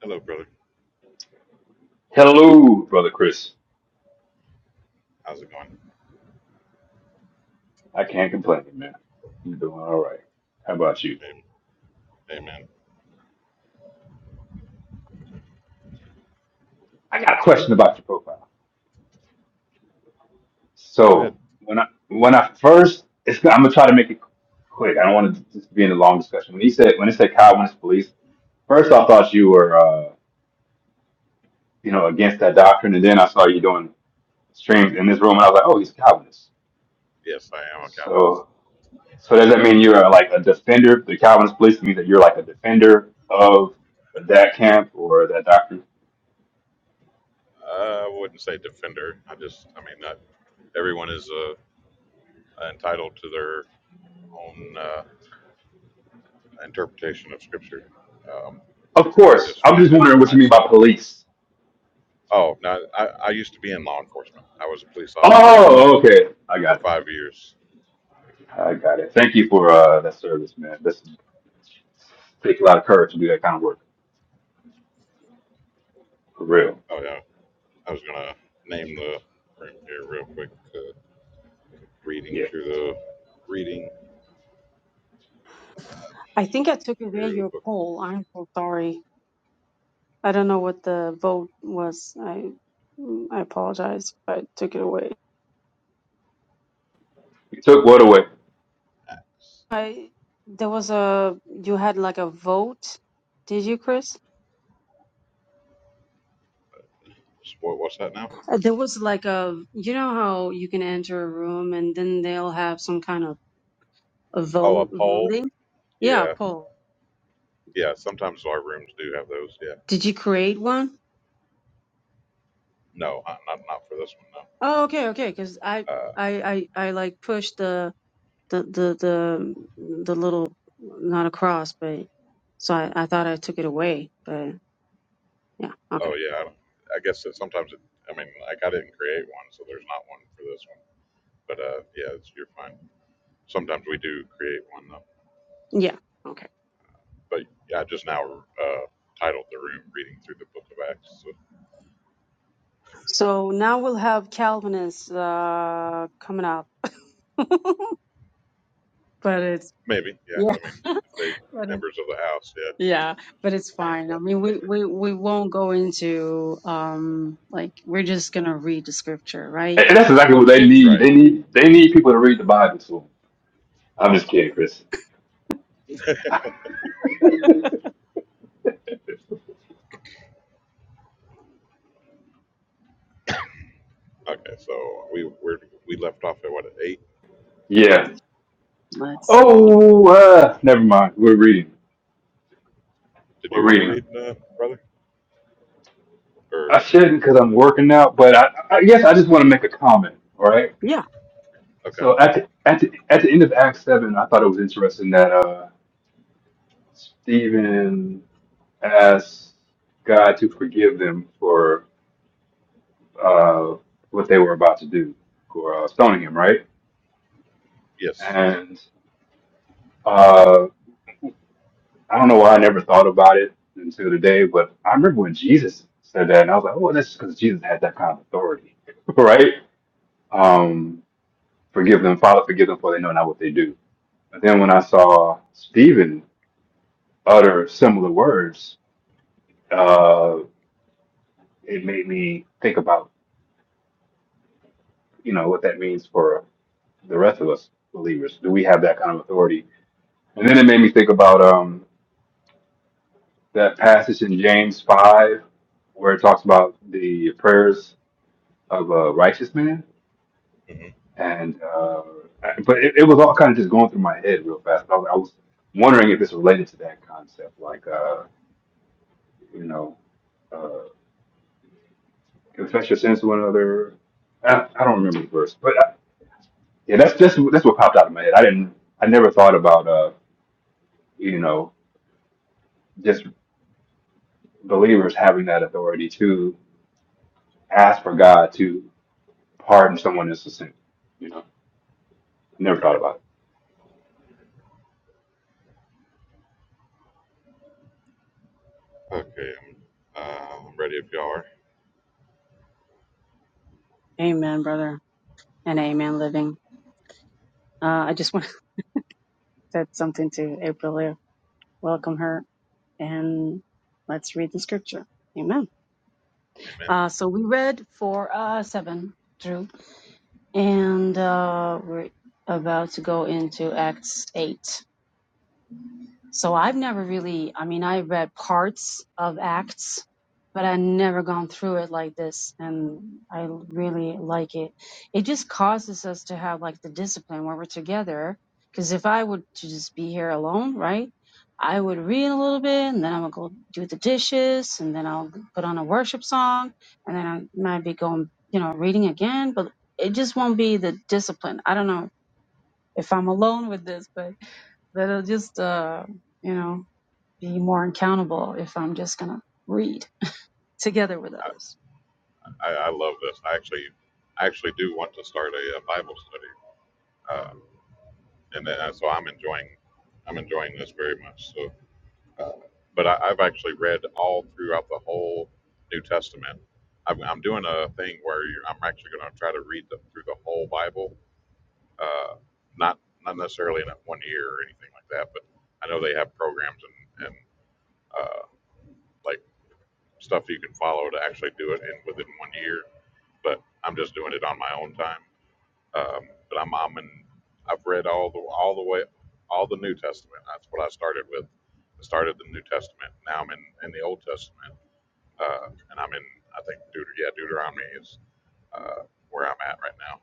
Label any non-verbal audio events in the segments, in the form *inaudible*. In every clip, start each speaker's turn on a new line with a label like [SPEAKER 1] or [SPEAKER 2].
[SPEAKER 1] Hello, brother.
[SPEAKER 2] Hello, brother Chris.
[SPEAKER 1] How's it going?
[SPEAKER 2] I can't complain, man. I'm doing all right. How about you?
[SPEAKER 1] Am- Amen.
[SPEAKER 2] I got a question about your profile.
[SPEAKER 1] Go
[SPEAKER 2] So
[SPEAKER 1] ahead.
[SPEAKER 2] when I when I first, it's, I'm gonna try to make it quick. I don't want to just be in a long discussion. When he said when it said Calvinist wants police, first I thought you were uh, you know against that doctrine, and then I saw you doing streams in this room, and I was like, oh, he's a Calvinist.
[SPEAKER 1] Yes, I am a Calvinist.
[SPEAKER 2] So so does that mean you're like a defender? The Calvinist police means that you're like a defender of that camp or that doctrine?
[SPEAKER 1] I wouldn't say defender. I just, I mean, not everyone is uh, entitled to their own uh, interpretation of Scripture. Um,
[SPEAKER 2] Of
[SPEAKER 1] I
[SPEAKER 2] course.
[SPEAKER 1] just
[SPEAKER 2] I'm just
[SPEAKER 1] find it
[SPEAKER 2] wondering
[SPEAKER 1] for
[SPEAKER 2] what you mean by
[SPEAKER 1] myself.
[SPEAKER 2] police.
[SPEAKER 1] Oh, now I, I used to be in law enforcement. I was a police officer
[SPEAKER 2] Oh,
[SPEAKER 1] for,
[SPEAKER 2] okay. I
[SPEAKER 1] for
[SPEAKER 2] got it.
[SPEAKER 1] five years.
[SPEAKER 2] I got it. Thank you
[SPEAKER 1] So,
[SPEAKER 2] for uh, that service, man. This takes a lot of courage to do that kind of work. For real.
[SPEAKER 1] oh yeah, I was gonna name the room here real quick. Uh, reading
[SPEAKER 2] Yeah.
[SPEAKER 1] through the reading uh,
[SPEAKER 3] I think I took away
[SPEAKER 1] through
[SPEAKER 3] your
[SPEAKER 1] the book
[SPEAKER 3] poll. I'm so sorry. I don't know what the vote was. I I apologize if I took it away.
[SPEAKER 2] You took what away.
[SPEAKER 1] of Acts.
[SPEAKER 3] I there was a you had like a vote. Did you, Chris?
[SPEAKER 1] What, what's that now?
[SPEAKER 3] Uh, There was like a you know how you can enter a room and then they'll have some kind of a
[SPEAKER 1] Oh, a
[SPEAKER 3] vote
[SPEAKER 1] poll.
[SPEAKER 3] voting. Yeah,
[SPEAKER 1] Yeah,
[SPEAKER 3] poll.
[SPEAKER 1] yeah. Sometimes our rooms do have those. Yeah.
[SPEAKER 3] Did you create one?
[SPEAKER 1] No, uh, not not for this one.
[SPEAKER 3] Oh, okay, okay. Because I
[SPEAKER 1] No. Uh,
[SPEAKER 3] I I I like pushed the the the the the little not a cross, but so I, I thought I took it away, but yeah, okay,
[SPEAKER 1] oh yeah. I, don't- I guess that sometimes it. I mean, like I didn't create one, so there's not one for this one. But uh, yeah, it's, you're fine. Sometimes we do create one though.
[SPEAKER 3] yeah, okay.
[SPEAKER 1] But yeah, I just now uh, titled the room "Reading Through the Book of Acts." So
[SPEAKER 3] So now we'll have Calvinists uh, coming up, *laughs* but it's
[SPEAKER 1] maybe. Yeah.
[SPEAKER 3] yeah,
[SPEAKER 1] I mean,
[SPEAKER 3] *laughs*
[SPEAKER 1] if they
[SPEAKER 3] but it's,
[SPEAKER 1] members of the house. Yeah.
[SPEAKER 3] yeah, but it's fine. I
[SPEAKER 1] But,
[SPEAKER 3] mean, we we we won't go into um like we're just gonna read the scripture, right?
[SPEAKER 2] And and that's exactly what they
[SPEAKER 3] The- the-
[SPEAKER 2] need.
[SPEAKER 3] the-
[SPEAKER 1] right.
[SPEAKER 2] They
[SPEAKER 3] I mean,
[SPEAKER 2] need they need people to read the Bible to 'em. I'm just kidding, Chris.
[SPEAKER 1] *laughs* Okay. So we we're, we left off at what at eight.
[SPEAKER 2] Yeah.
[SPEAKER 3] let's see.
[SPEAKER 2] Oh, uh, never mind. We're reading.
[SPEAKER 1] Did
[SPEAKER 2] We're
[SPEAKER 1] you want to
[SPEAKER 2] reading.
[SPEAKER 1] read, uh, brother? Or,
[SPEAKER 2] I shouldn't because I'm working out, but I, I guess I just want to make a comment. All right.
[SPEAKER 3] Yeah,
[SPEAKER 1] okay,
[SPEAKER 2] So at the, at the, at the end of Acts seven, I thought it was interesting that. uh Stephen asked God to forgive them for uh, what they were about to do, for uh, stoning him, right?
[SPEAKER 1] yes,
[SPEAKER 2] And uh, I don't know why I never thought about it until today, but I remember when Jesus said that, and I was like, oh, that's because Jesus had that kind of authority, *laughs* right? Um, forgive them, Father, forgive them, for they know not what they do. But then when I saw Stephen utter similar words, uh, it made me think about you know what that means for the rest of us believers? Do we have that kind of authority? And then it made me think about um, that passage in James 5 where it talks about the prayers of a righteous man.
[SPEAKER 1] Mhm.
[SPEAKER 2] And, uh, I- but it, it was all kind of just going through my head real fast. I was, I was wondering if it's related to that concept, like, uh, you know, uh, confess your sins to one another. I, I don't remember the verse, but uh yeah, that's just that's what popped out of my head. I didn't, I never thought about, uh, you know, just. believers having that authority to ask for God to pardon someone that's a sin. You know, I never thought
[SPEAKER 1] right.
[SPEAKER 2] about it.
[SPEAKER 1] Okay, I'm, uh, I'm ready if y'all are.
[SPEAKER 3] Amen, brother, and Amen, living. Uh, I just want *laughs* to said something to April welcome her and let's read the scripture amen
[SPEAKER 1] Amen.
[SPEAKER 3] uh, so we read 4 uh, 7 through and uh, we're about to go into acts 8 So I've never really, I mean, I read parts of Acts, but I've never gone through it like this. And I really like it. It just causes us to have like the discipline when we're together. Because if I would to just be here alone, right? I would read a little bit and then i would go do the dishes and then I'll put on a worship song and then I might be going, you know, reading again, but it just won't be the discipline. I don't know if I'm alone with this, but, but it'll just, uh, you know, be more accountable if I'm just gonna read together with
[SPEAKER 1] I,
[SPEAKER 3] others.
[SPEAKER 1] I, I love this. I actually, I actually do want to start a, uh Bible study. Uh, and then, uh, so I'm enjoying, I'm enjoying this very much. So, uh, but I, I've actually read all throughout the whole New Testament. I'm, I'm doing a thing where you're, I'm actually going to try to read the, through the whole Bible. Uh, not, not necessarily in one year or anything like that, but I know they have programs and, and uh, like stuff you can follow to actually do it in within one year. But I'm just doing it on my own time. Um, but I'm, I'm in, I've read all the all the way all the New Testament. That's what I started with. I started the New Testament. Now I'm in, in the Old Testament, uh, and I'm in I think Deut- yeah Deuteronomy is uh, where I'm at right now.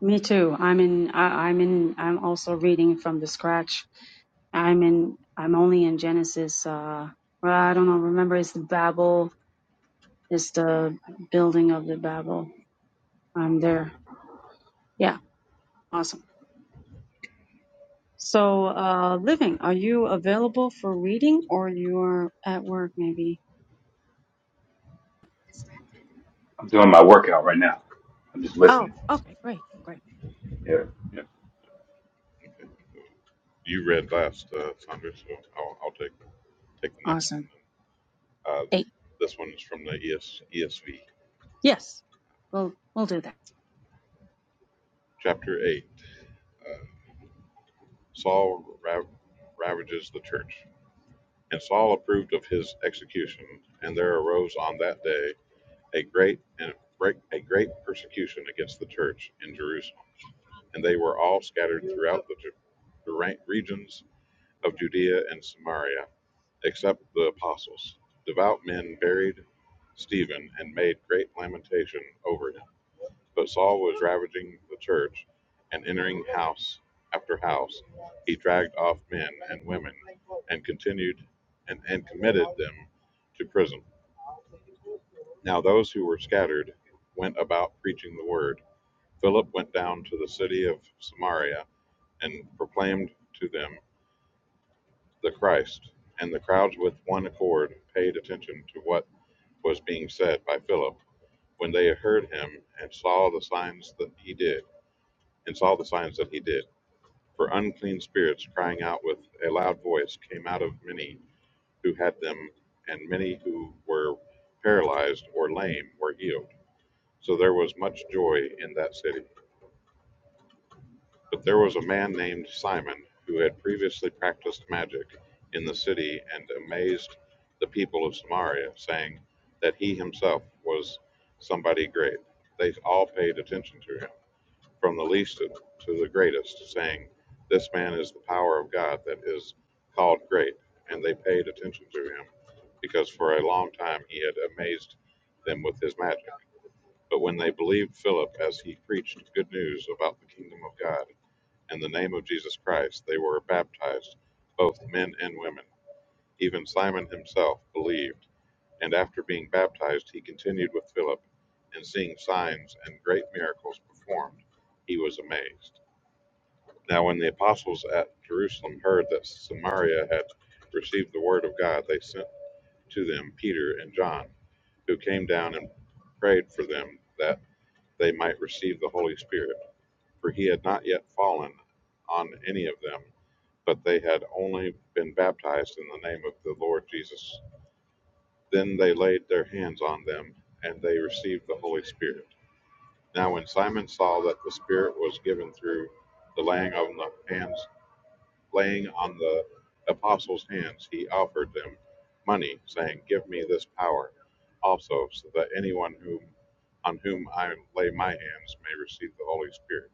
[SPEAKER 3] Me too. I'm in. I, I'm in. I'm also reading from the scratch. I'm in. I'm only in Genesis. Uh, well, I don't know. Remember, it's the Babel. It's the building of the Babel. I'm there. Yeah. Awesome. So, uh, living. Are you available for reading, or you're at work? Maybe.
[SPEAKER 2] I'm doing my workout right now. I'm just
[SPEAKER 3] Oh.
[SPEAKER 2] listening.
[SPEAKER 3] Okay. Great. Great.
[SPEAKER 2] Yeah. yeah.
[SPEAKER 1] You read last, uh, Sandra, so I'll, I'll take take the next one.
[SPEAKER 3] Awesome.
[SPEAKER 1] Uh,
[SPEAKER 3] Eight.
[SPEAKER 1] this one is from the ES, ESV,
[SPEAKER 3] Yes. We'll we'll do that.
[SPEAKER 1] chapter eight. uh, Saul rav- ravages the church. And Saul approved of his execution, and there arose on that day a great and a great persecution against the church in Jerusalem, and they were all scattered throughout the, the regions of Judea and Samaria, except the apostles. Devout men buried Stephen and made great lamentation over him. But Saul was ravaging the church, and entering house after house, he dragged off men and women, and continued and, and committed them to prison. Now those who were scattered went about preaching the word. Philip went down to the city of Samaria and proclaimed to them the Christ. And the crowds with one accord paid attention to what was being said by Philip when they heard him and saw the signs that he did and saw the signs that he did. For unclean spirits, crying out with a loud voice, came out of many who had them, and many who were paralyzed or lame were healed. So there was much joy in that city. But there was a man named Simon who had previously practiced magic in the city and amazed the people of Samaria, saying that he himself was somebody great. They all paid attention to him. from the least to to the greatest, saying, This man is the power of God that is called great. And they paid attention to him, because for a long time he had amazed them with his magic. But when they believed Philip as he preached good news about the kingdom of God and the name of Jesus Christ, they were baptized, both men and women. Even Simon himself believed, and after being baptized, he continued with Philip, and seeing signs and great miracles performed, he was amazed. Now, when the apostles at Jerusalem heard that Samaria had received the word of God, they sent to them Peter and John, who came down and prayed for them that they might receive the Holy Spirit, for he had not yet fallen on any of them, but they had only been baptized in the name of the Lord Jesus. Then they laid their hands on them, and they received the Holy Spirit. Now, when Simon saw that the Spirit was given through the laying on of hands, laying on the apostles' hands, he offered them money, saying, Give me this power also, so that anyone whom, on whom I lay my hands may receive the Holy Spirit.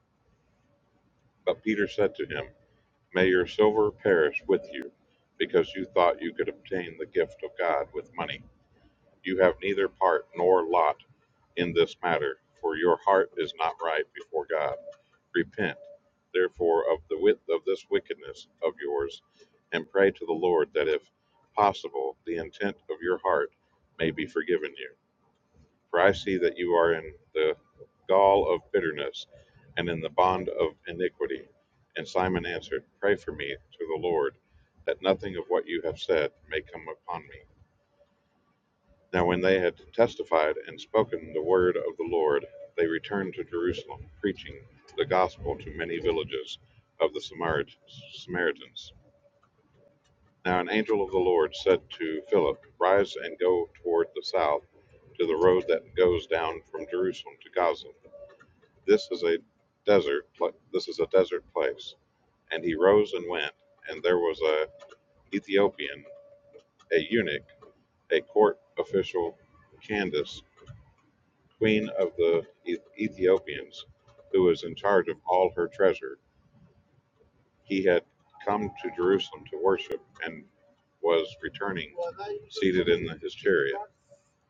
[SPEAKER 1] But Peter said to him, May your silver perish with you, because you thought you could obtain the gift of God with money. You have neither part nor lot in this matter, for your heart is not right before God. Repent, therefore, of the width of this wickedness of yours, and pray to the Lord that, if possible, the intent of your heart may be forgiven you. For I see that you are in the gall of bitterness and in the bond of iniquity. And Simon answered, Pray for me to the Lord, that nothing of what you have said may come upon me. Now when they had testified and spoken the word of the Lord, they returned to Jerusalem, preaching the gospel to many villages of the Samaritans. Now an angel of the Lord said to Philip, Rise and go toward the south to the road that goes down from Jerusalem to Gaza. This is a desert. This is a desert place. And he rose and went. And there was a Ethiopian, a eunuch, a court official, Candace queen of the E-, Ethiopians, who was in charge of all her treasure. He had come to Jerusalem to worship and was returning seated in his chariot.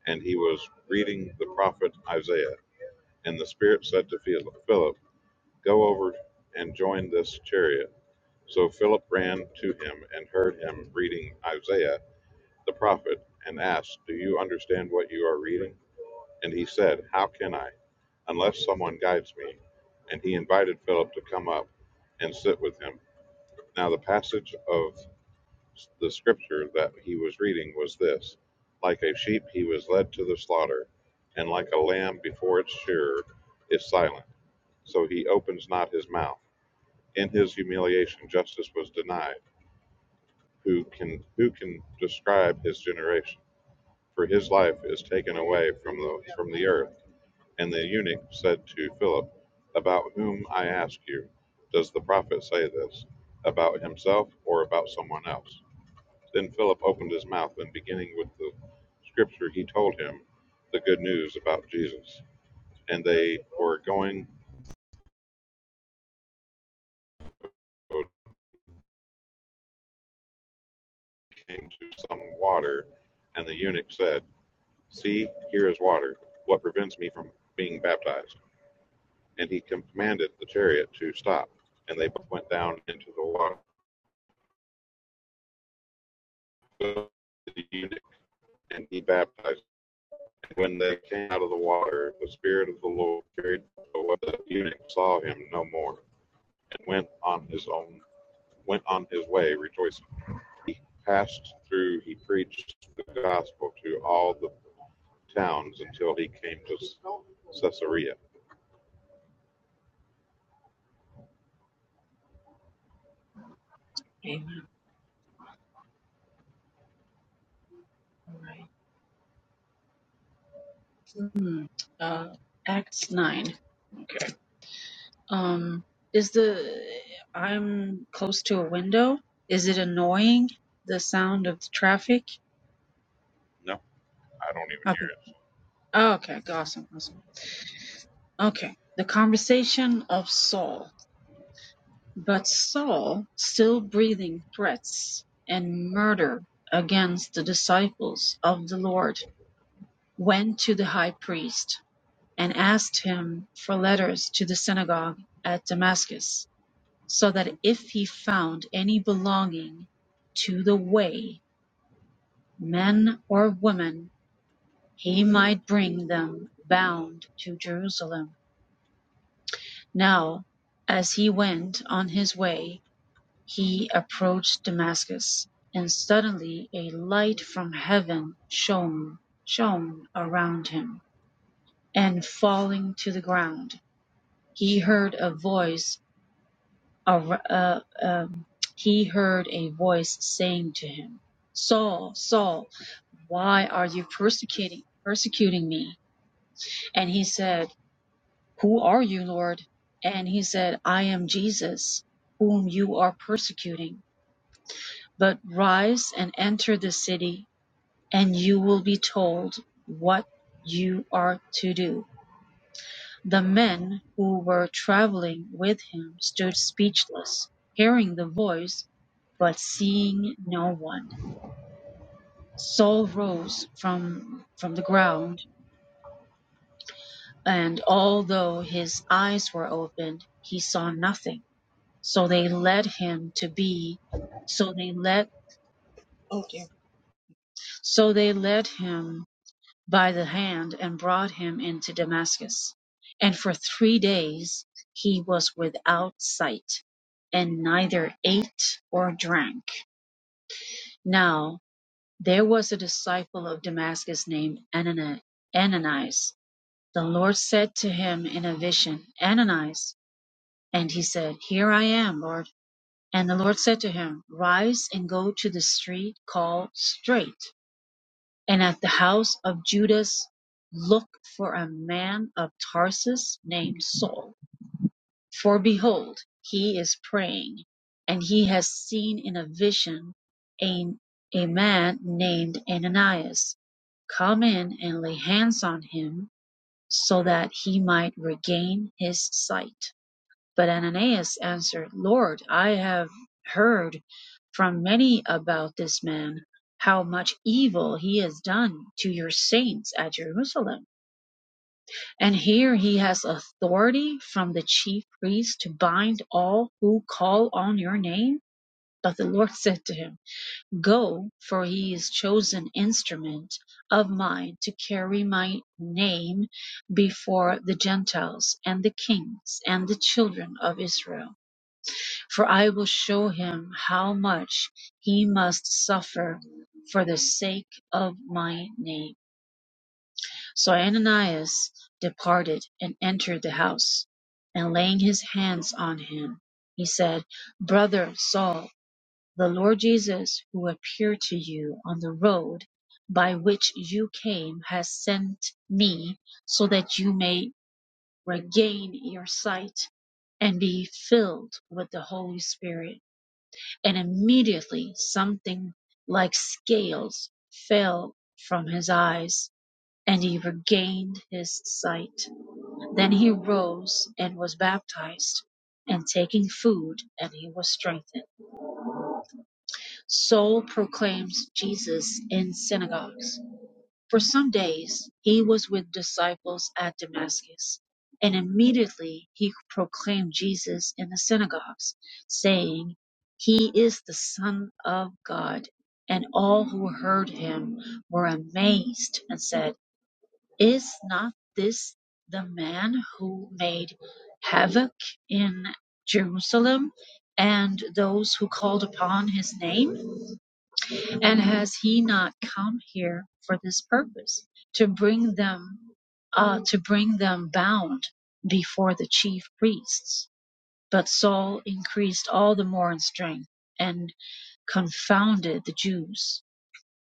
[SPEAKER 1] And he was reading the prophet Isaiah. And the Spirit said to Phil- Philip, Go over and join this chariot. So Philip ran to him and heard him reading Isaiah the prophet and asked, Do you understand what you are reading? And he said, How can I, unless someone guides me? And he invited Philip to come up and sit with him. Now, the passage of the scripture that he was reading was this Like a sheep, he was led to the slaughter, and like a lamb before its shearer is silent, so he opens not his mouth. In his humiliation, justice was denied. Who can who can describe his generation? For his life is taken away from the from the earth And the eunuch said to Philip, About whom, I ask you, does the prophet say this? About himself or about someone else? Then Philip opened his mouth, and beginning with the scripture, he told him the good news about Jesus. And they were going, came to some water, and the eunuch said, See, here is water. What prevents me from being baptized? And he commanded the chariot to stop, and they both went down into the water. So The eunuch and he baptized. And When they came out of the water, the Spirit of the Lord carried away the eunuch, saw him no more, and went on his own went on his way rejoicing. He passed through, he preached the gospel to all the towns until he came to Caesarea.
[SPEAKER 3] Amen. All right. Hmm, Uh, Acts 9. Um, is the, I'm close to a window. Is it annoying, the sound of the traffic?
[SPEAKER 1] No, I don't even hear
[SPEAKER 3] Okay.
[SPEAKER 1] it.
[SPEAKER 3] Oh, okay. Awesome. Awesome. Okay. The conversation of Saul. But Saul, still breathing threats and murder against the disciples of the Lord, went to the high priest and asked him for letters to the synagogue at Damascus so that if he found any belonging to the way, men or women, he might bring them bound to Jerusalem. Now, as he went on his way, he approached Damascus, and suddenly a light from heaven shone, shone around him, and falling to the ground, he heard a voice ar- uh, um, he heard a voice saying to him, Saul, Saul, why are you persecuting, persecuting me? And he said, Who are you, Lord? And he said, I am Jesus, whom you are persecuting. But rise and enter the city, and you will be told what you are to do. The men who were travelling with him stood speechless, hearing the voice, but seeing no one. Saul rose from, from the ground, and although his eyes were opened, he saw nothing. So they led him to be, so they led, okay. so they led him by the hand and brought him into Damascus. And for three days he was without sight, and neither ate or drank. Now there was a disciple of Damascus named Ananias. The Lord said to him in a vision, Ananias. And he said, Here I am, Lord. And the Lord said to him, Rise and go to the street called Straight And at the house of Judas look for a man of Tarsus named Saul. For behold, he is praying, and he has seen in a vision a, a man named Ananias come in and lay hands on him so that he might regain his sight. But Ananias answered, Lord, I have heard from many about this man, how much evil he has done to your saints at Jerusalem. And here he has authority from the chief priest to bind all who call on your name. But the Lord *laughs* said to him, Go, for he is chosen instrument of mine to carry my name before the Gentiles and the kings and the children of Israel. For I will show him how much he must suffer for the sake of my name. So Ananias departed and entered the house, and laying his hands on him, he said, Brother Saul, the Lord Jesus, who appeared to you on the road by which you came, has sent me so that you may regain your sight and be filled with the Holy Spirit and immediately something like scales fell from his eyes, and he regained his sight. Then he rose and was baptized, and taking food, and he was strengthened. Saul proclaims Jesus in synagogues. For some days he was with disciples at Damascus, and immediately he proclaimed Jesus in the synagogues, saying, He is the Son of God. And all who heard him were amazed and said, Is not this the man who made havoc in Jerusalem and those who called upon his name? And has he not come here for this purpose, to bring them, uh, to bring them bound before the chief priests? But Saul increased all the more in strength and confounded the Jews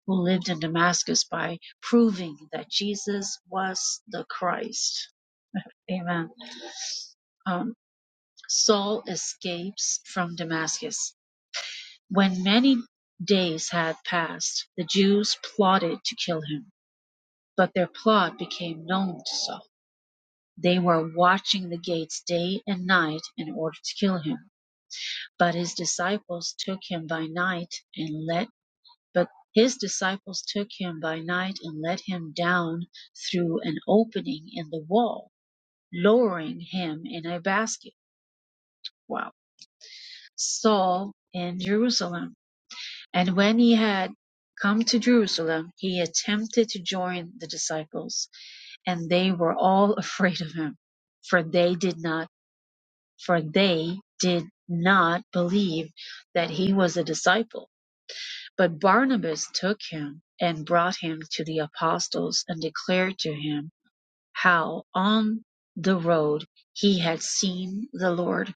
[SPEAKER 3] who lived in Damascus by proving that Jesus was the Christ. Amen. Um, Saul escapes from Damascus. When many days had passed, the Jews plotted to kill him But their plot became known to Saul. They were watching the gates day and night in order to kill him. But his disciples took him by night and let but his disciples took him by night and let him down through an opening in the wall, lowering him in a basket. Wow. Saul in Jerusalem. And when he had come to Jerusalem, he attempted to join the disciples and they were all *laughs* afraid of him for they did not for they did not believe that he was a disciple but barnabas took him and brought him to the apostles and declared to him how on the road he had seen the lord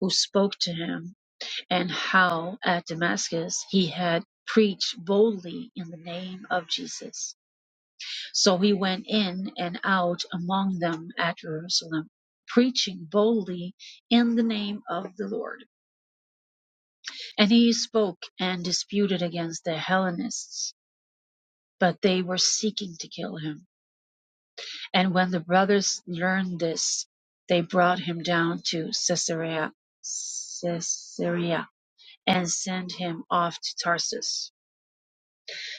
[SPEAKER 3] who spoke to him and how at damascus he had preached boldly in the name of jesus So he went in and out among them at Jerusalem, preaching boldly in the name of the Lord. And he spoke and disputed against the Hellenists, but they were seeking to kill him. And when the brothers learned this, they brought him down to Caesarea, Caesarea and sent him off to Tarsus.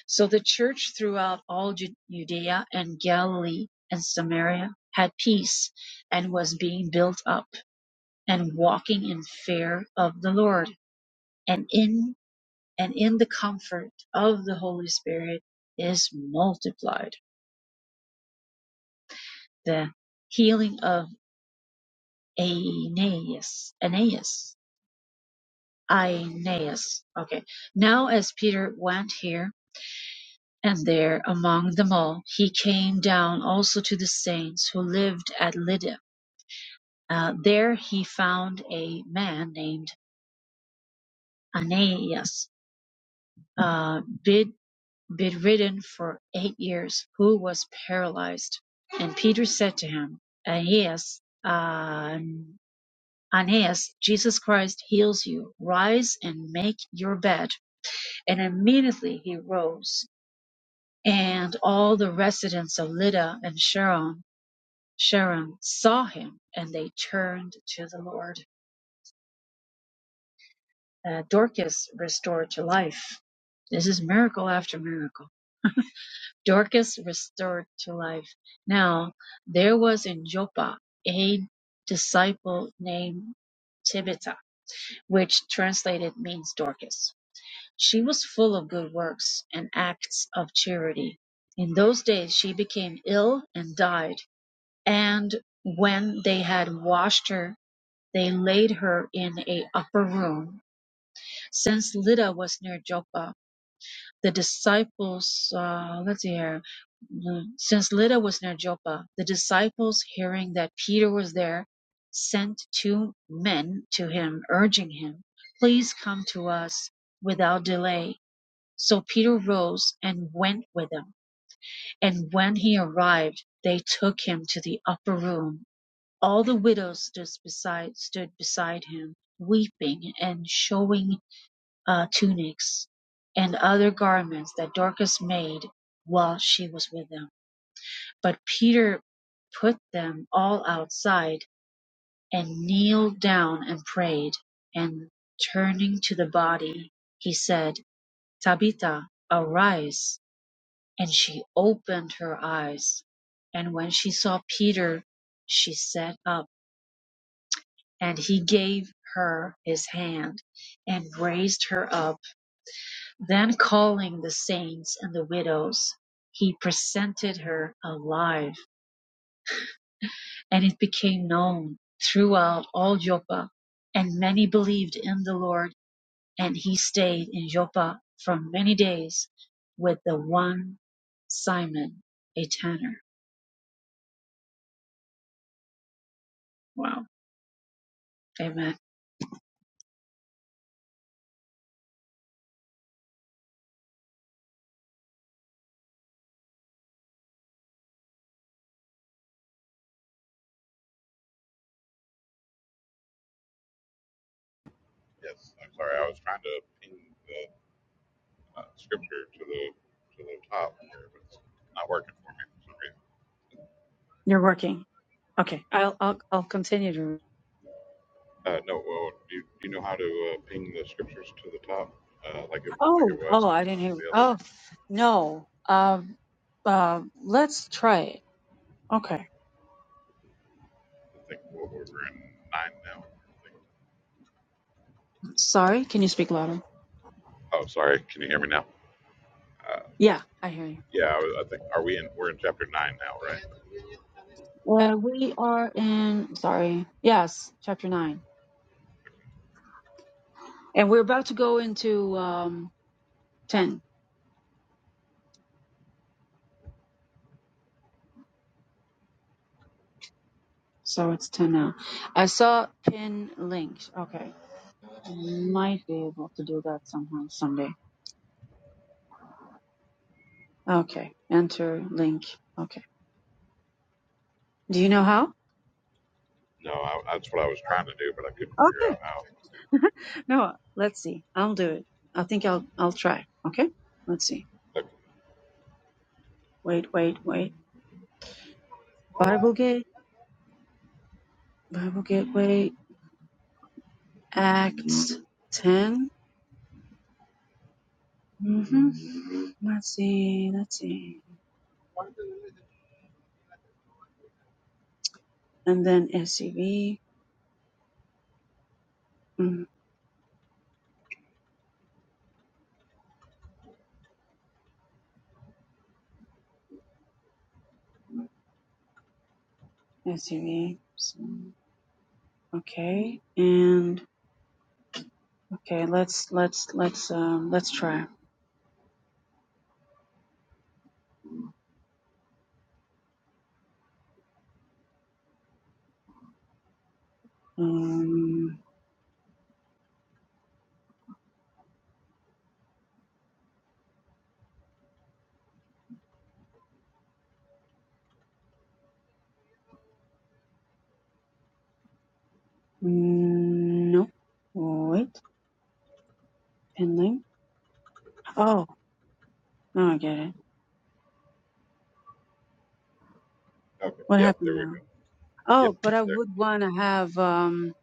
[SPEAKER 3] So the church throughout all Judea and Galilee and Samaria had peace and was being built up and walking in fear of the Lord and in and in the comfort of the Holy Spirit is multiplied the healing of Aeneas Aeneas Aeneas okay now as Peter went here and there among them all he came down also to the saints who lived at Lydda Uh, there he found a man named Aeneas, uh, bed, bedridden for eight years, who was paralyzed. And Peter said to him, Aeneas, uh, Aeneas, Jesus Christ heals you. Rise and make your bed. And immediately he rose. And all the residents of Lydda and Sharon, Sharon saw him, and they turned to the Lord. uh, Dorcas restored to life. This is miracle after miracle. Dorcas restored to life. Now, there was in Joppa a disciple named Tabitha, which translated means Dorcas. She was full of good works and acts of charity. In those days, she became ill and died. And when they had washed her, they laid her in a upper room. Since Lydda was near Joppa, The disciples, uh, let's see here. Mm, Since Lydda was near Joppa, the disciples, hearing that Peter was there, sent two men to him, urging him, Please come to us without delay. So Peter rose and went with them. And when he arrived, they took him to the upper room. All the widows stood beside, stood beside him, weeping and showing uh, tunics and other garments that Dorcas made while she was with them. But Peter put them all outside and kneeled down and prayed. And turning to the body, he said, Tabitha, arise. And she opened her eyes. And when she saw Peter, she sat up. And he gave her his hand and raised her up. Then calling the saints and the widows, he presented her alive, and it became known throughout all Joppa. And many believed in the Lord, and he stayed in Joppa for many days with the one Simon, a tanner. Wow. Amen.
[SPEAKER 1] Yes, I'm sorry. I was trying to ping the uh, scripture to the to the top here, but it's not working for me for some reason.
[SPEAKER 3] You're working. Okay. I'll I'll I'll continue to
[SPEAKER 1] Uh, no, well, do you, do you know how to uh, ping the scriptures to the top, uh, like it like it
[SPEAKER 3] Oh,
[SPEAKER 1] was
[SPEAKER 3] oh,
[SPEAKER 1] in
[SPEAKER 3] I
[SPEAKER 1] uh,
[SPEAKER 3] didn't hear.
[SPEAKER 1] the other
[SPEAKER 3] Oh, no. Um uh, let's try it. Okay.
[SPEAKER 1] I think well, we we're in nine now. I think.
[SPEAKER 3] Sorry, can you speak louder?
[SPEAKER 1] Oh, sorry. Can you hear me now? Uh,
[SPEAKER 3] Yeah, I hear you.
[SPEAKER 1] yeah, I, was- I think are we in? We're in chapter nine now, right?
[SPEAKER 3] Uh, we are in, sorry, yes, chapter 9. And we're about to go into um, 10. So it's 10 now. I saw pin linked. Okay. Might be able to do that somehow someday. Okay. Enter link. Okay. Do you know how?
[SPEAKER 1] No, I, that's what I was trying to do, but I couldn't figure
[SPEAKER 3] Okay.
[SPEAKER 1] out how.
[SPEAKER 3] No, let's see. I'll do it. I think I'll I'll try. Okay? Let's see.
[SPEAKER 1] Okay,
[SPEAKER 3] Wait, wait, wait. Bible gate, Bible gateway, Acts 10. hmm Let's see, let's see. And then SUV, mm, SUV. So, okay, and okay, let's let's let's um let's try. Um, no, wait, pending. Oh, now I get it.
[SPEAKER 1] okay.
[SPEAKER 3] What
[SPEAKER 1] yeah,
[SPEAKER 3] happened
[SPEAKER 1] there we
[SPEAKER 3] now?
[SPEAKER 1] go. Yep,
[SPEAKER 3] Oh, but
[SPEAKER 1] it's
[SPEAKER 3] I
[SPEAKER 1] there.
[SPEAKER 3] would want to have um.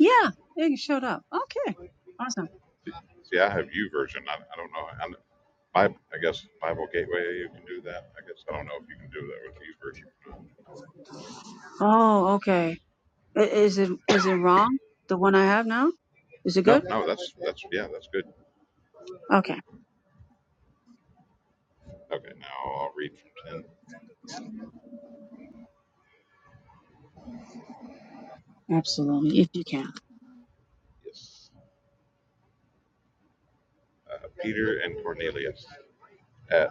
[SPEAKER 3] Yeah, it showed up. Okay, awesome.
[SPEAKER 1] See, see, I have U version. I, I don't know. I'm, I, I guess Bible Gateway, you can do that. I guess I don't know if you can do that with U version.
[SPEAKER 3] Oh, okay. I- Is it is it wrong? The one I have now? Is it
[SPEAKER 1] No,
[SPEAKER 3] good?
[SPEAKER 1] no, that's that's yeah, that's good.
[SPEAKER 3] Okay.
[SPEAKER 1] Okay, now I'll read from 10.
[SPEAKER 3] Absolutely, if you can.
[SPEAKER 1] Yes. Uh, Peter and Cornelius. At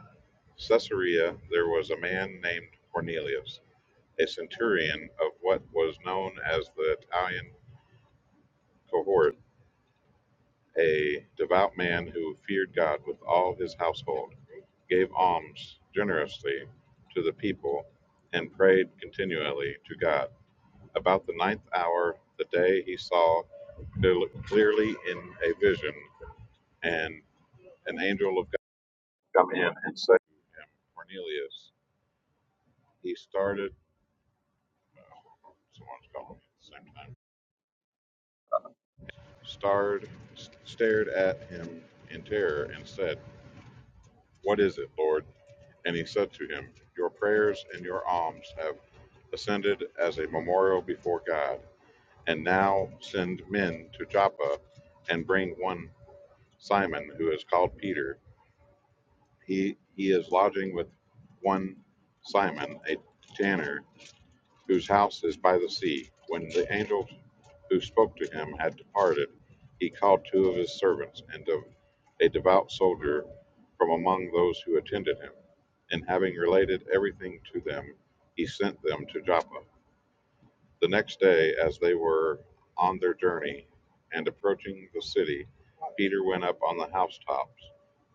[SPEAKER 1] Caesarea, there was a man named Cornelius, a centurion of what was known as the Italian cohort, a devout man who feared God with all his household, gave alms generously to the people, and prayed continually to God. About the ninth hour, the day he saw clearly in a vision, and an angel of come in and save him. Cornelius, he started, oh, someone's calling at the same time, starred, s- stared at him in terror and said, What is it, Lord? And he said to him, Your prayers and your alms have ascended as a memorial before God. And now send men to Joppa and bring one Simon, who is called Peter. He, he is lodging with one Simon, a tanner, whose house is by the sea. When the angel who spoke to him had departed, he called two of his servants and of a devout soldier from among those who attended him. And having related everything to them, he sent them to Joppa. The next day, as they were on their journey and approaching the city, Peter went up on the housetops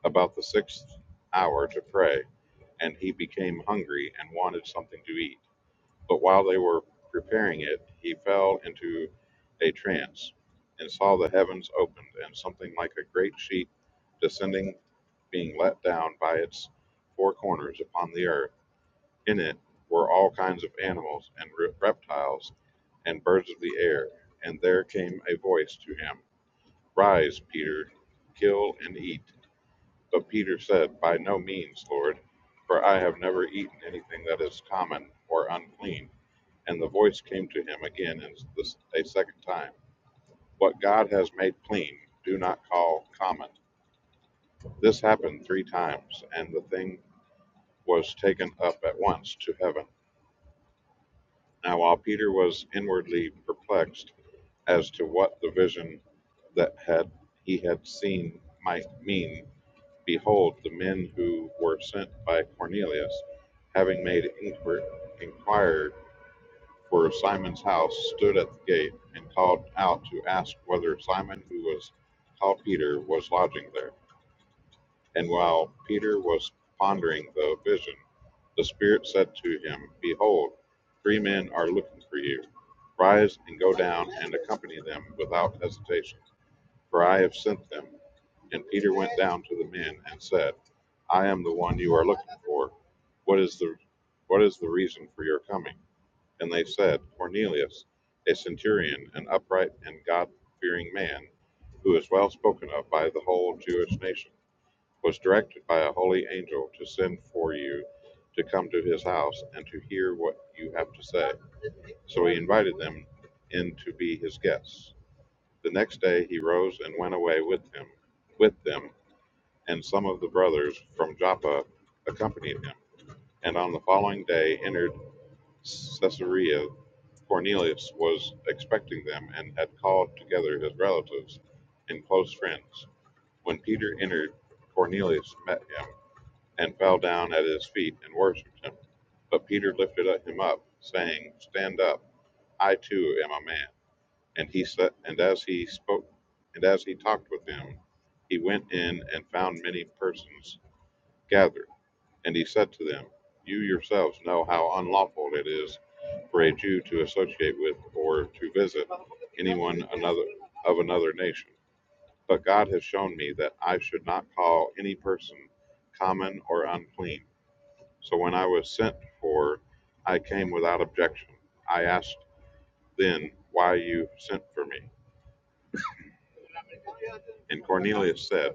[SPEAKER 1] about the sixth hour to pray, and he became hungry and wanted something to eat. But while they were preparing it, he fell into a trance and saw the heavens opened and something like a great sheet descending, being let down by its four corners upon the earth. In it were all kinds of animals and re- reptiles and birds of the air. And there came a voice to him, Rise, Peter, kill and eat. But Peter said, By no means, Lord, for I have never eaten anything that is common or unclean. And the voice came to him again and this, a second time What God has made clean, do not call common. This happened three times, and the thing was taken up at once to heaven. Now, while Peter was inwardly perplexed as to what the vision that had he had seen might mean, behold, the men who were sent by Cornelius, having made inquir- inquiry inquired for Simon's house, stood at the gate, and called out to ask whether Simon, who was called Peter, was lodging there. And while Peter was pondering the vision, the Spirit said to him, Behold, three men are looking for you. Rise and go down and accompany them without hesitation, for I have sent them. And Peter went down to the men and said, I am the one you are looking for. What is the what is the reason for your coming? And they said, Cornelius, a centurion, an upright and God fearing man, who is well spoken of by the whole Jewish nation, was directed by a holy angel to send for you to come to his house and to hear what you have to say. So he invited them in to be his guests. The next day he rose and went away with him, with them, and some of the brothers from Joppa accompanied him. And on the following day entered Caesarea Cornelius was expecting them, and had called together his relatives and close friends. When Peter entered, Cornelius met him, and fell down at his feet and worshipped him. But Peter lifted him up, saying, Stand up, I too am a man. And he said, and as he spoke, and as he talked with them, he went in and found many persons gathered. And he said to them, You yourselves know how unlawful it is for a Jew to associate with or to visit anyone another of another nation. But God has shown me that I should not call any person common or unclean. So when I was sent for, I came without objection. I asked then why you sent for me. And Cornelius said,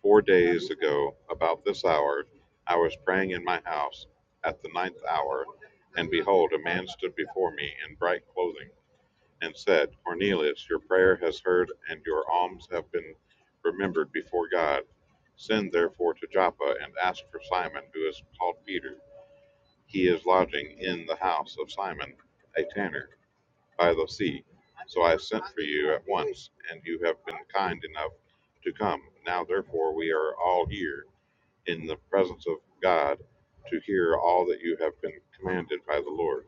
[SPEAKER 1] Four days ago, about this hour, I was praying in my house at the ninth hour, and behold, a man stood before me in bright clothing and said, Cornelius, your prayer has heard, and your alms have been remembered before God. Send therefore to Joppa and ask for Simon, who is called Peter. He is lodging in the house of Simon, a tanner, by the sea. So I sent for you at once, and you have been kind enough to come. Now therefore we are all here in the presence of God to hear all that you have been commanded by the Lord.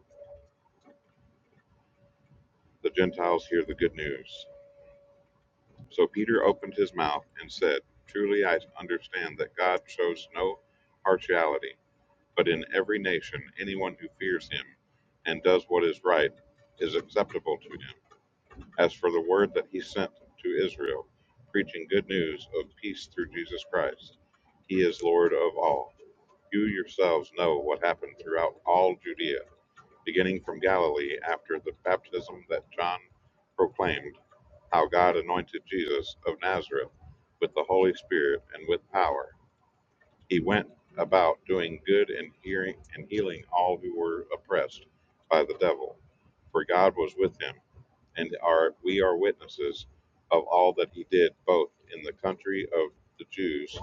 [SPEAKER 1] The Gentiles hear the good news. So Peter opened his mouth and said, Truly I understand that God shows no partiality, but in every nation anyone who fears him and does what is right is acceptable to him. As for the word that he sent to Israel, preaching good news of peace through Jesus Christ, he is Lord of all. You yourselves know what happened throughout all Judea beginning from Galilee after the baptism that John proclaimed, how God anointed Jesus of Nazareth with the Holy Spirit and with power. He went about doing good and hearing and healing all who were oppressed by the devil, for God was with him, and are we are witnesses of all that he did both in the country of the Jews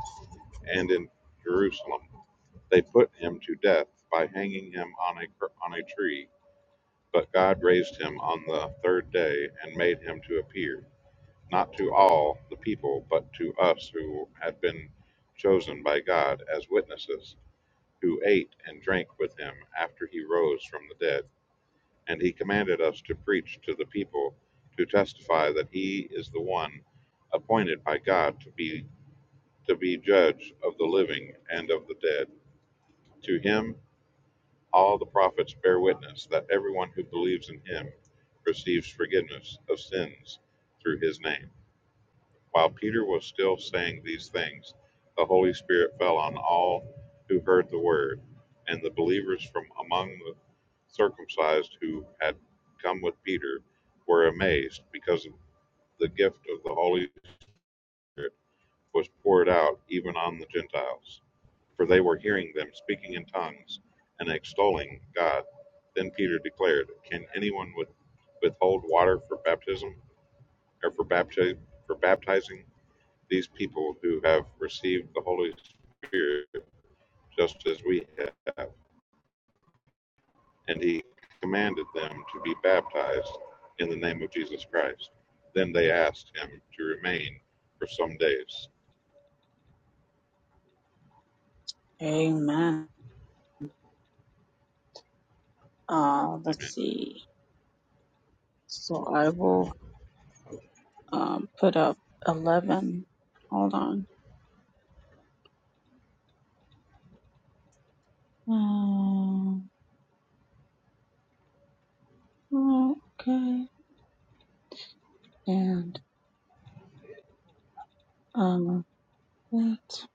[SPEAKER 1] and in Jerusalem. They put him to death by hanging him on a on a tree but God raised him on the third day and made him to appear, not to all the people, but to us who had been chosen by God as witnesses, who ate and drank with him after he rose from the dead. And he commanded us to preach to the people, to testify that he is the one appointed by God to be to be judge of the living and of the dead. To him All the prophets bear witness that everyone who believes in him receives forgiveness of sins through his name. While Peter was still saying these things, the Holy Spirit fell on all who heard the word, and the believers from among the circumcised who had come with Peter were amazed because the gift of the Holy Spirit was poured out even on the Gentiles for they were hearing them speaking in tongues and extolling God. Then Peter declared, Can anyone with, withhold water for baptism or for, bapti- for baptizing these people who have received the Holy Spirit just as we have? And he commanded them to be baptized in the name of Jesus Christ. Then they asked him to remain for some days.
[SPEAKER 3] Amen. Uh, let's
[SPEAKER 1] Amen.
[SPEAKER 3] see. So I will um, put up 11. Hold on. Um, okay. And um, let's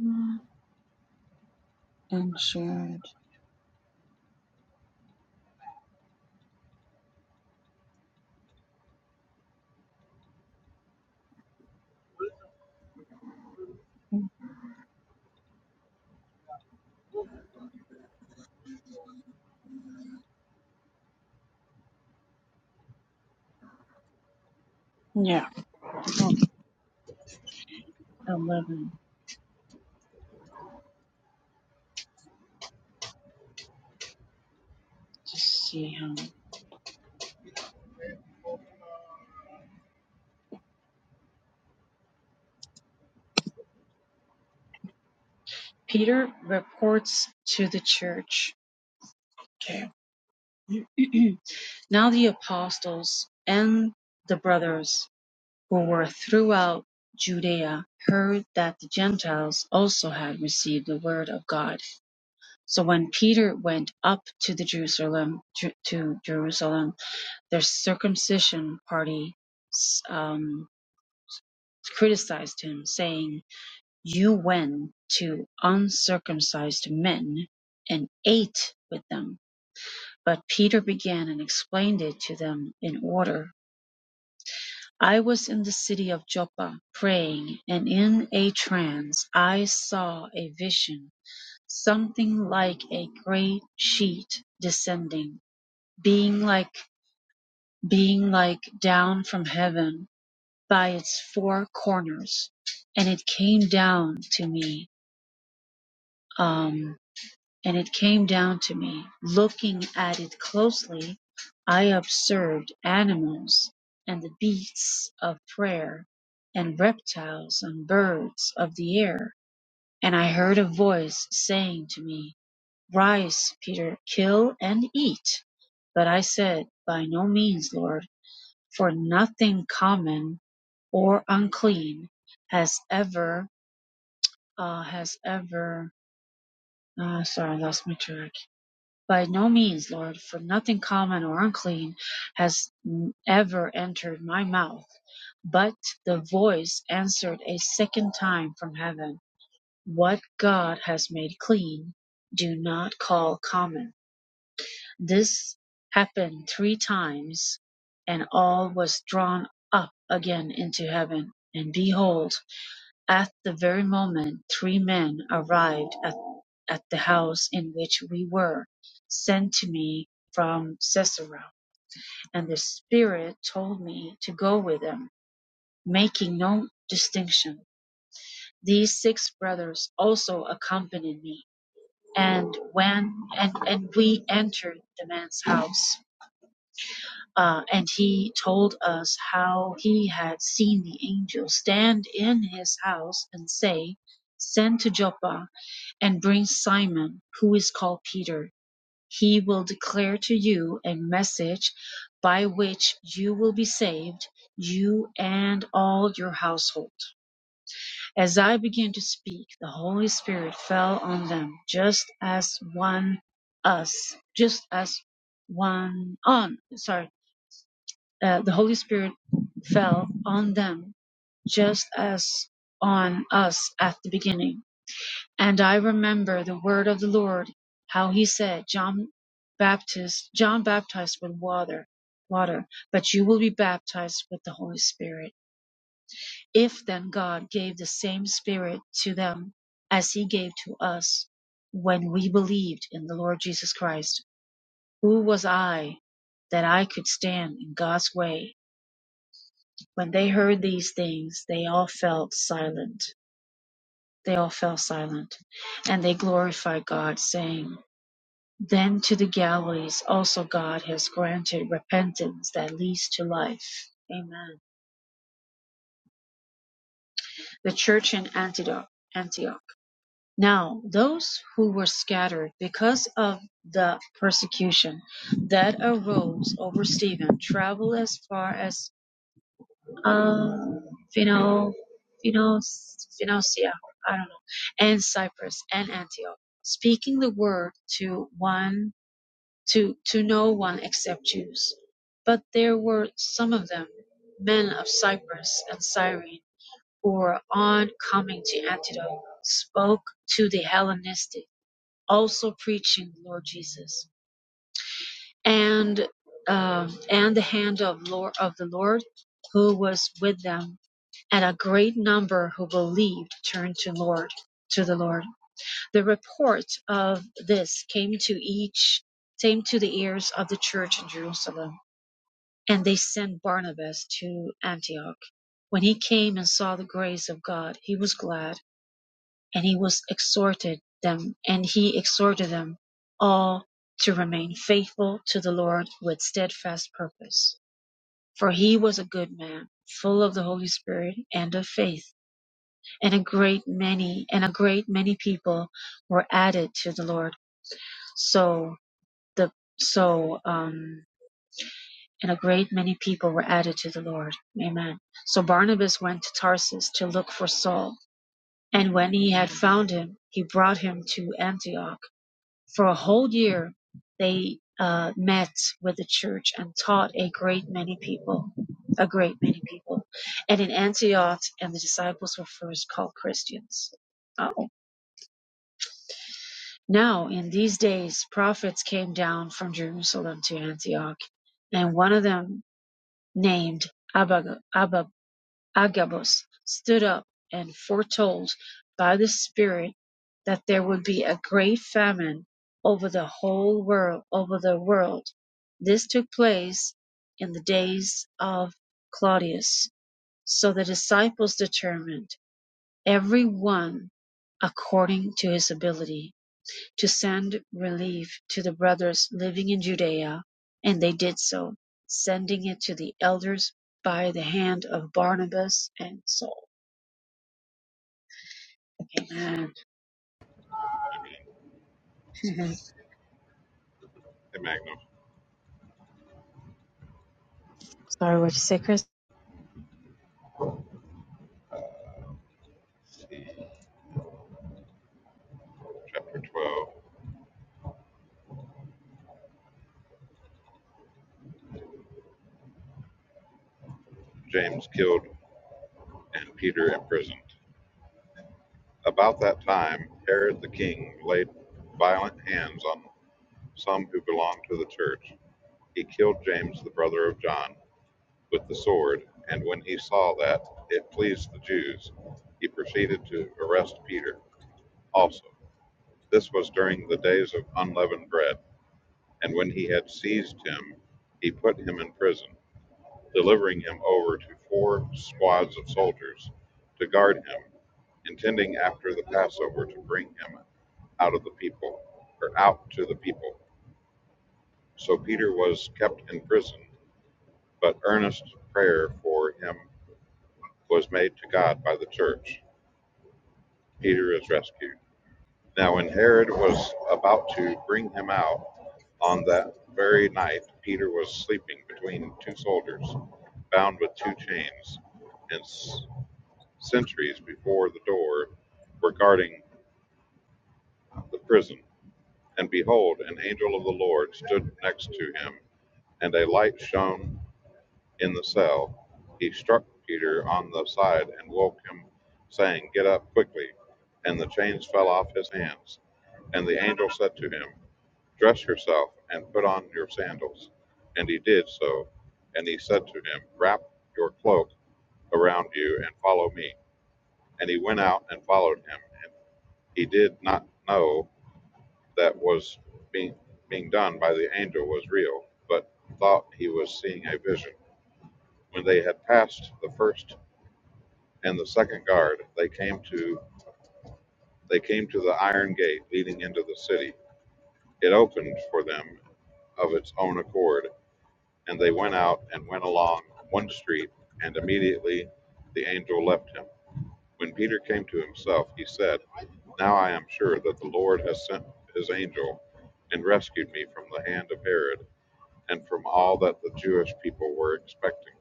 [SPEAKER 3] not- And shared. Yeah. I'll put 11. Just see how. Peter reports to the church. Okay. *clears throat* now the apostles and the brothers who were throughout Judea heard that the Gentiles also had received the word of God. So when Peter went up to the Jerusalem to Jerusalem, their circumcision party um, criticized him, saying, "You went to uncircumcised men and ate with them." But Peter began and explained it to them in order I was in the city of Joppa praying, and in a trance I saw a vision, something like a great sheet descending, being like being like down from heaven by its four corners, and it came down to me. Um, and it came down to me. Looking at it closely, I observed animals and the beasts of prey, and reptiles and birds of the air. And I heard a voice saying to me, Rise, Peter, kill and eat. But I said, By no means, Lord, for nothing common or unclean has ever, uh, has ever, uh, sorry, I lost my train. By no means, Lord, for nothing common or unclean has ever entered my mouth. But the voice answered a second time from heaven, What God has made clean, do not call common. This happened three times, and all was drawn up again into heaven. And behold, at the very moment three men arrived at, at the house in which we were, sent to me from Sisera, and the Spirit told me to go with them, making no distinction. These six brothers also accompanied me, and when and, and we entered the man's house, uh, and he told us how he had seen the angel stand in his house and say, "Send to Joppa." and bring Simon, who is called Peter. He will declare to you a message by which you will be saved, you and all your household. As I began to speak, the Holy Spirit fell on them, just as one us, just as one on, sorry, uh, the Holy Spirit fell on them, just as on us at the beginning. And I remember the word of the Lord, how he said, John Baptist, John baptized with water, water, but you will be baptized with the Holy Spirit. If then God gave the same Spirit to them as he gave to us when we believed in the Lord Jesus Christ, who was I that I could stand in God's way? When they heard these things, they all fell silent. They all fell silent, and they glorified God, saying, Then to the galleys also God has granted repentance that leads to life. Amen. The church in Antioch. Antioch. Now, those who were scattered because of the persecution that arose over Stephen traveled as far as um, Phino, Phinos, Phinosia, I don't know, and Cyprus and Antioch, speaking the word to one to, to no one except Jews. But there were some of them, men of Cyprus and Cyrene, who were on coming to Antioch, spoke to the Hellenistic, also preaching the Lord Jesus, and um, and the hand of Lord of the Lord, who was with them, and a great number who believed turned to Lord to the Lord. The report of this came to each came to the ears of the church in Jerusalem And they sent Barnabas to Antioch. When he came and saw the grace of God, he was glad, and he was exhorted them, and he exhorted them all to remain faithful to the Lord with steadfast purpose. For he was a good man, full of the Holy Spirit and of faith, and a great many and a great many people were added to the Lord. So the so um and a great many people were added to the Lord. Amen. So Barnabas went to Tarsus to look for Saul, and when he had found him, he brought him to Antioch. For a whole year they uh, met with the church and taught a great many people, a great many people. And in Antioch, and the disciples were first called Christians. Oh. Now, in these days, prophets came down from Jerusalem to Antioch, and one of them, named Abag- Ababus Agabus stood up and foretold by the Spirit that there would be a great famine over the whole world over the world. This took place in the days of Claudius. So the disciples determined, every one according to his ability, to send relief to the brothers living in Judea, and they did so, sending it to the elders by the hand of Barnabas and Saul. Amen.
[SPEAKER 1] Amen.
[SPEAKER 3] *laughs*
[SPEAKER 1] In Magnum,
[SPEAKER 3] Sorry, what you say, Chris?
[SPEAKER 1] chapter 12. James killed and Peter imprisoned. About that time, Herod the king laid violent hands on some who belonged to the church. He killed James, the brother of John, with the sword, and when he saw that it pleased the Jews, he proceeded to arrest Peter also. This was during the days of unleavened bread, and when he had seized him, he put him in prison, delivering him over to four squads of soldiers to guard him, intending after the Passover to bring him out of the people or out to the people. So Peter was kept in prison, but earnest prayer for him was made to God by the church. Peter is rescued. Now when Herod was about to bring him out on that very night, Peter was sleeping between two soldiers, bound with two chains, and sentries before the door were guarding the prison. And behold, an angel of the Lord stood next to him, and a light shone in the cell. He struck Peter on the side and woke him, saying, Get up quickly. And the chains fell off his hands. And the angel said to him, Dress yourself and put on your sandals. And he did so. And he said to him, Wrap your cloak around you and follow me. And he went out and followed him He did not know that was being being done by the angel was real, but thought he was seeing a vision. When they had passed the first and the second guard, they came to they came to the iron gate leading into the city. It opened for them of its own accord, and they went out and went along one street, and immediately the angel left him. When Peter came to himself, he said, Now I am sure that the Lord has sent his angel and rescued me from the hand of Herod and from all that the Jewish people were expecting.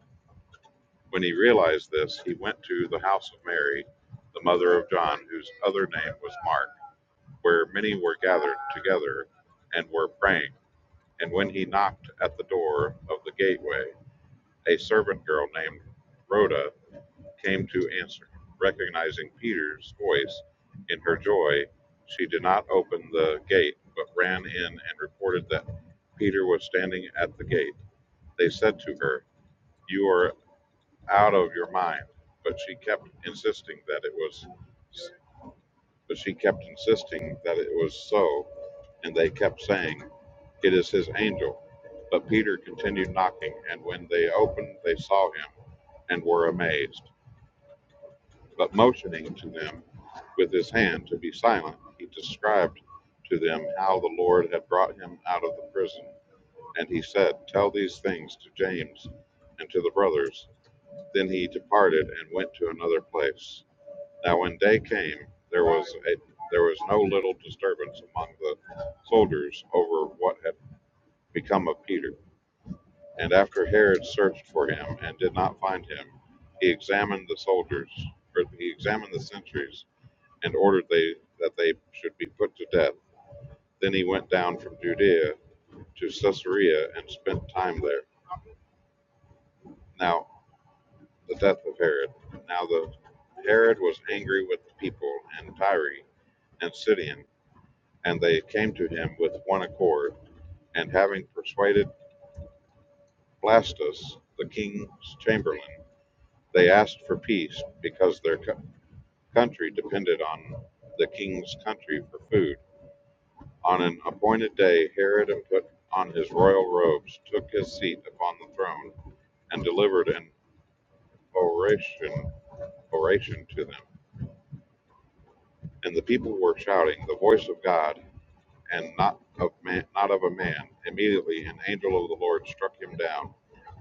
[SPEAKER 1] When he realized this, he went to the house of Mary, the mother of John, whose other name was Mark, where many were gathered together and were praying. And when he knocked at the door of the gateway, a servant girl named Rhoda came to answer. Recognizing Peter's voice in her joy, she did not open the gate, but ran in and reported that Peter was standing at the gate. They said to her, You are out of your mind. But she kept insisting that it was but she kept insisting that it was so, and they kept saying, It is his angel. But Peter continued knocking, and when they opened, they saw him and were amazed. But motioning to them with his hand to be silent, he described to them how the Lord had brought him out of the prison. And he said, Tell these things to James and to the brothers. Then he departed and went to another place. Now when day came, there was a there was no little disturbance among the soldiers over what had become of Peter. And after Herod searched for him and did not find him, he examined the soldiers, or he examined the sentries and ordered they, that they should be put to death. Then he went down from Judea to Caesarea and spent time there. Now, the death of Herod. Now, the Herod was angry with the people and Tyre and Sidon, and they came to him with one accord. And having persuaded Blastus, the king's chamberlain, they asked for peace because their co- country depended on the king's country for food. On an appointed day Herod put on his royal robes, took his seat upon the throne, and delivered an oration, oration to them. And the people were shouting, "The voice of God, and not of man, not of a man!" Immediately an angel of the Lord struck him down,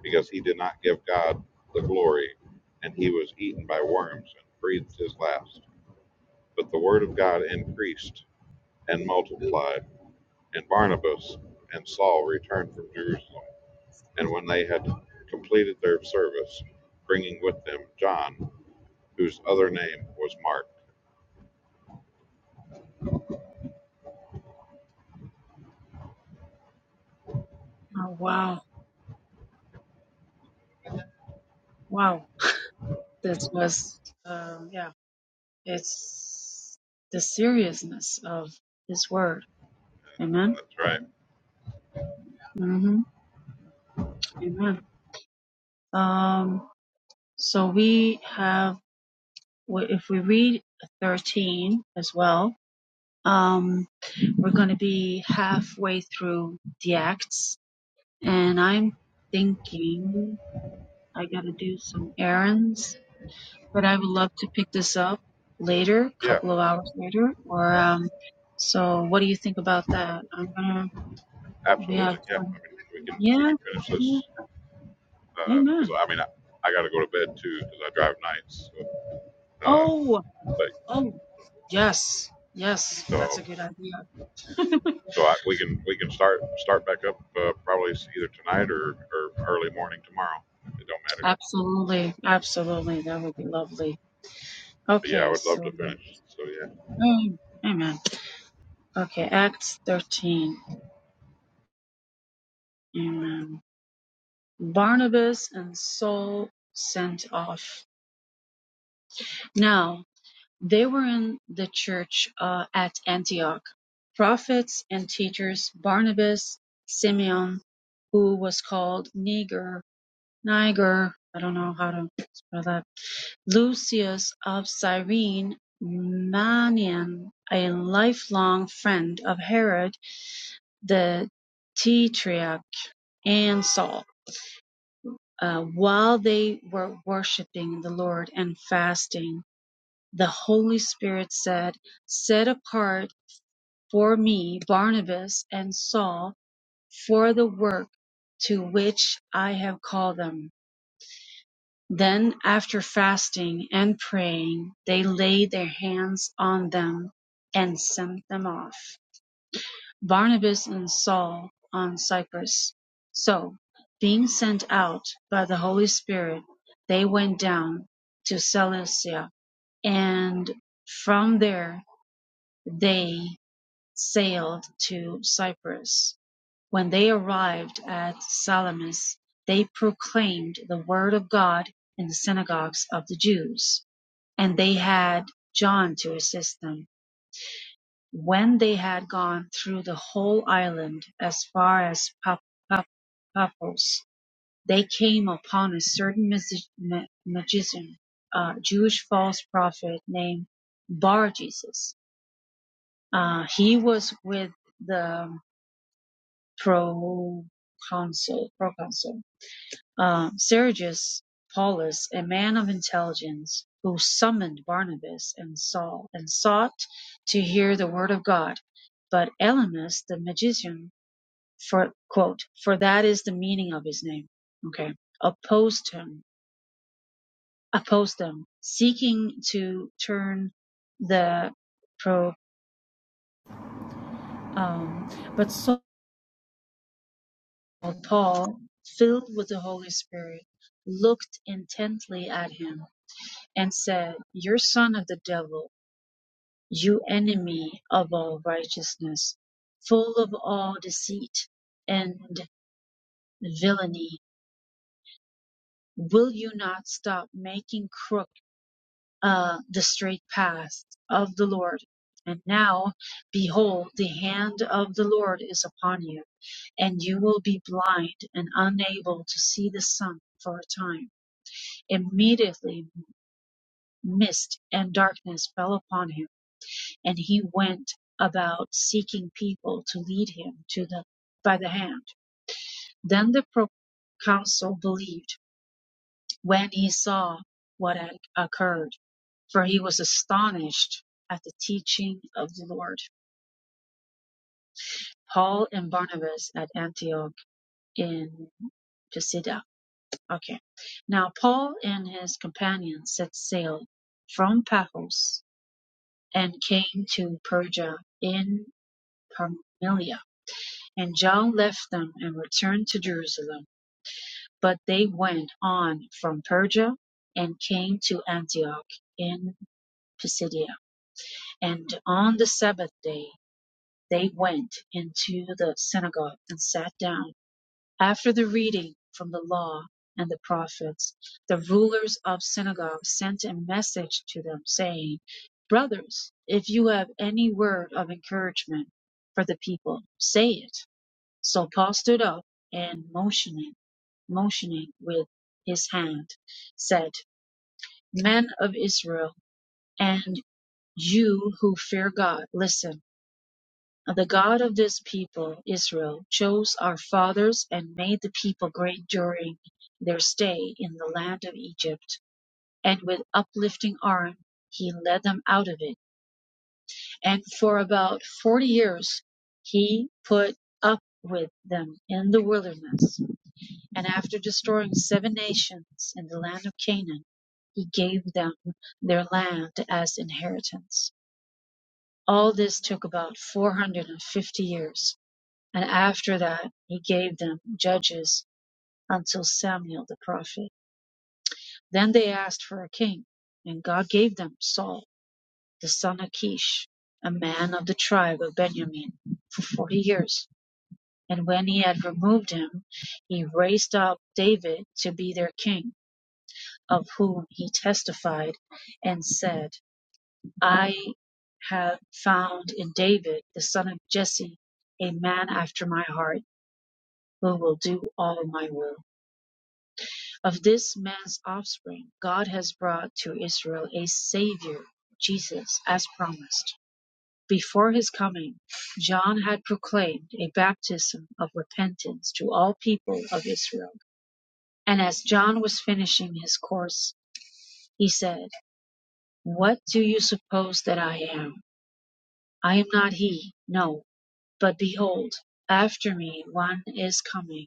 [SPEAKER 1] because he did not give God the glory, and he was eaten by worms and breathed his last. But the word of God increased and multiplied, and Barnabas and Saul returned from Jerusalem and when they had completed their service, bringing with them John, whose other name was Mark.
[SPEAKER 3] Oh, wow. Wow. This was, um, yeah, it's the seriousness of His Word. Amen.
[SPEAKER 1] That's right.
[SPEAKER 3] hmm Amen. Um, so we have, w- if we read 13 as well, um, we're going to be halfway through the Acts. And I'm thinking I got to do some errands but I would love to pick this up later, a
[SPEAKER 1] Yeah,
[SPEAKER 3] couple of hours later, or um. So, what do you think about that? I'm gonna. We have.
[SPEAKER 1] absolutely. Yeah, I mean, we can we
[SPEAKER 3] Yeah.
[SPEAKER 1] can finish
[SPEAKER 3] Yeah.
[SPEAKER 1] this because
[SPEAKER 3] Amen.
[SPEAKER 1] uh, I mean I, I got to go to bed too because I drive nights. So, uh,
[SPEAKER 3] Oh.
[SPEAKER 1] but
[SPEAKER 3] Oh. Yes. Yes.
[SPEAKER 1] so
[SPEAKER 3] That's a good idea.
[SPEAKER 1] so I, we can we can start start back up uh, probably either tonight or or early morning tomorrow. It don't
[SPEAKER 3] *laughs*
[SPEAKER 1] matter.
[SPEAKER 3] Absolutely. Absolutely. That would be lovely.
[SPEAKER 1] But yeah, I
[SPEAKER 3] Okay.
[SPEAKER 1] would love
[SPEAKER 3] So.
[SPEAKER 1] to finish. So yeah,
[SPEAKER 3] Mm, Amen. Okay. Acts thirteen. Amen. Barnabas and Saul sent off. Now. They were in the church uh, at Antioch prophets and teachers Barnabas, Simeon, who was called Niger, Niger, I don't know how to spell that, Lucius of Cyrene, Manian, a lifelong friend of Herod the Tetrarch, and Saul. Uh, while they were worshiping the Lord and fasting, the Holy Spirit said, Set apart for me Barnabas and Saul for the work to which I have called them. Then, after fasting and praying, they laid their hands on them and sent them off, Barnabas and Saul on Cyprus. So, being sent out by the Holy Spirit, they went down to Cilicia, and from there they sailed to Cyprus. When they arrived at Salamis, they proclaimed the word of God in the synagogues of the Jews, and they had John to assist them. When they had gone through the whole island as far as Pap- Pap- Paphos, they came upon a certain magi- magician, a Jewish false prophet named Bar Jesus. Uh, he was with the proconsul, proconsul uh, Sergius Paulus, a man of intelligence, who summoned Barnabas and Saul and sought to hear the word of God. But Elymas the magician, for quote, for that is the meaning of his name, okay, opposed him, opposed them, seeking to turn the pro. Um, but Saul, Paul, filled with the Holy Spirit, looked intently at him and said, You son of the devil, you enemy of all righteousness, full of all deceit and villainy, will you not stop making crook uh, the straight path of the Lord? And now, behold, the hand of the Lord is upon you, and you will be blind and unable to see the sun for a time. Immediately mist and darkness fell upon him and he went about seeking people to lead him to the by the hand. Then the proconsul believed when he saw what had occurred, for he was astonished at the teaching of the Lord. Paul and Barnabas at Antioch in Pisidia. Okay. Now Paul and his companions set sail from Paphos and came to Perga in Pamphylia And John left them and returned to Jerusalem. But they went on from Perga and came to Antioch in Pisidia. And on the Sabbath day they went into the synagogue and sat down. After the reading from the law and the prophets, the rulers of synagogue sent a message to them, saying, Brothers, if you have any word of encouragement for the people, say it. So Paul stood up and motioning, motioning with his hand, said, Men of Israel, and you who fear God, listen. The God of this people, Israel, chose our fathers and made the people great during their stay in the land of Egypt. And with uplifting arm, he led them out of it. And for about forty years, he put up with them in the wilderness And after destroying seven nations in the land of Canaan, he gave them their land as inheritance. All this took about 450 years. And after that, he gave them judges until Samuel the prophet. Then they asked for a king, and God gave them Saul, the son of Kish, a man of the tribe of Benjamin, for 40 years. And when he had removed him, he raised up David to be their king of whom he testified and said, I have found in David, the son of Jesse, a man after my heart who will do all my will. Of this man's offspring, God has brought to Israel a Savior, Jesus, as promised. Before his coming, John had proclaimed a baptism of repentance to all people of Israel. And as John was finishing his course, he said, What do you suppose that I am? I am not he, no; but behold, after me one is coming,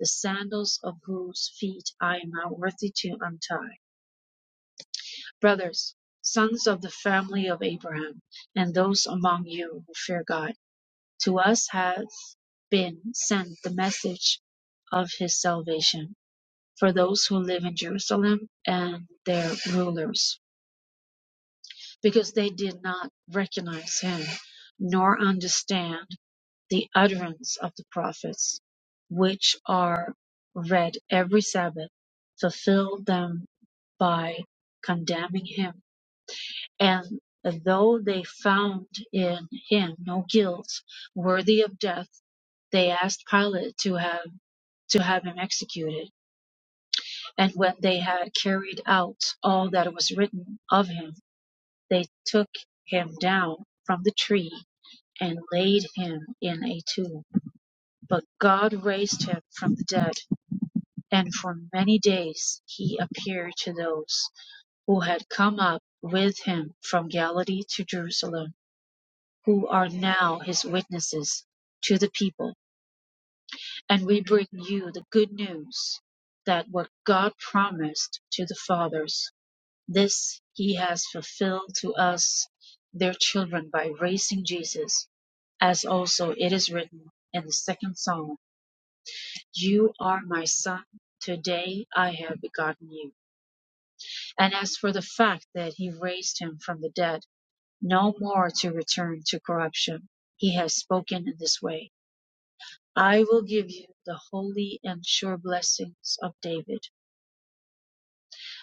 [SPEAKER 3] the sandals of whose feet I am not worthy to untie. Brothers, sons of the family of Abraham, and those among you who fear God, to us hath been sent the message of his salvation, for those who live in Jerusalem and their rulers. because they did not recognize him nor understand the utterance of the prophets, which are read every Sabbath, fulfilled them by condemning him. And though they found in him no guilt worthy of death, they asked Pilate to have to have him executed. And when they had carried out all that was written of him, they took him down from the tree and laid him in a tomb. But God raised him from the dead, and for many days he appeared to those who had come up with him from Galilee to Jerusalem, who are now his witnesses to the people. And we bring you the good news that what God promised to the fathers, this he has fulfilled to us, their children, by raising Jesus, as also it is written in the second Psalm. You are my son. Today I have begotten you. And as for the fact that he raised him from the dead, no more to return to corruption, he has spoken in this way. I will give you the holy and sure blessings of David.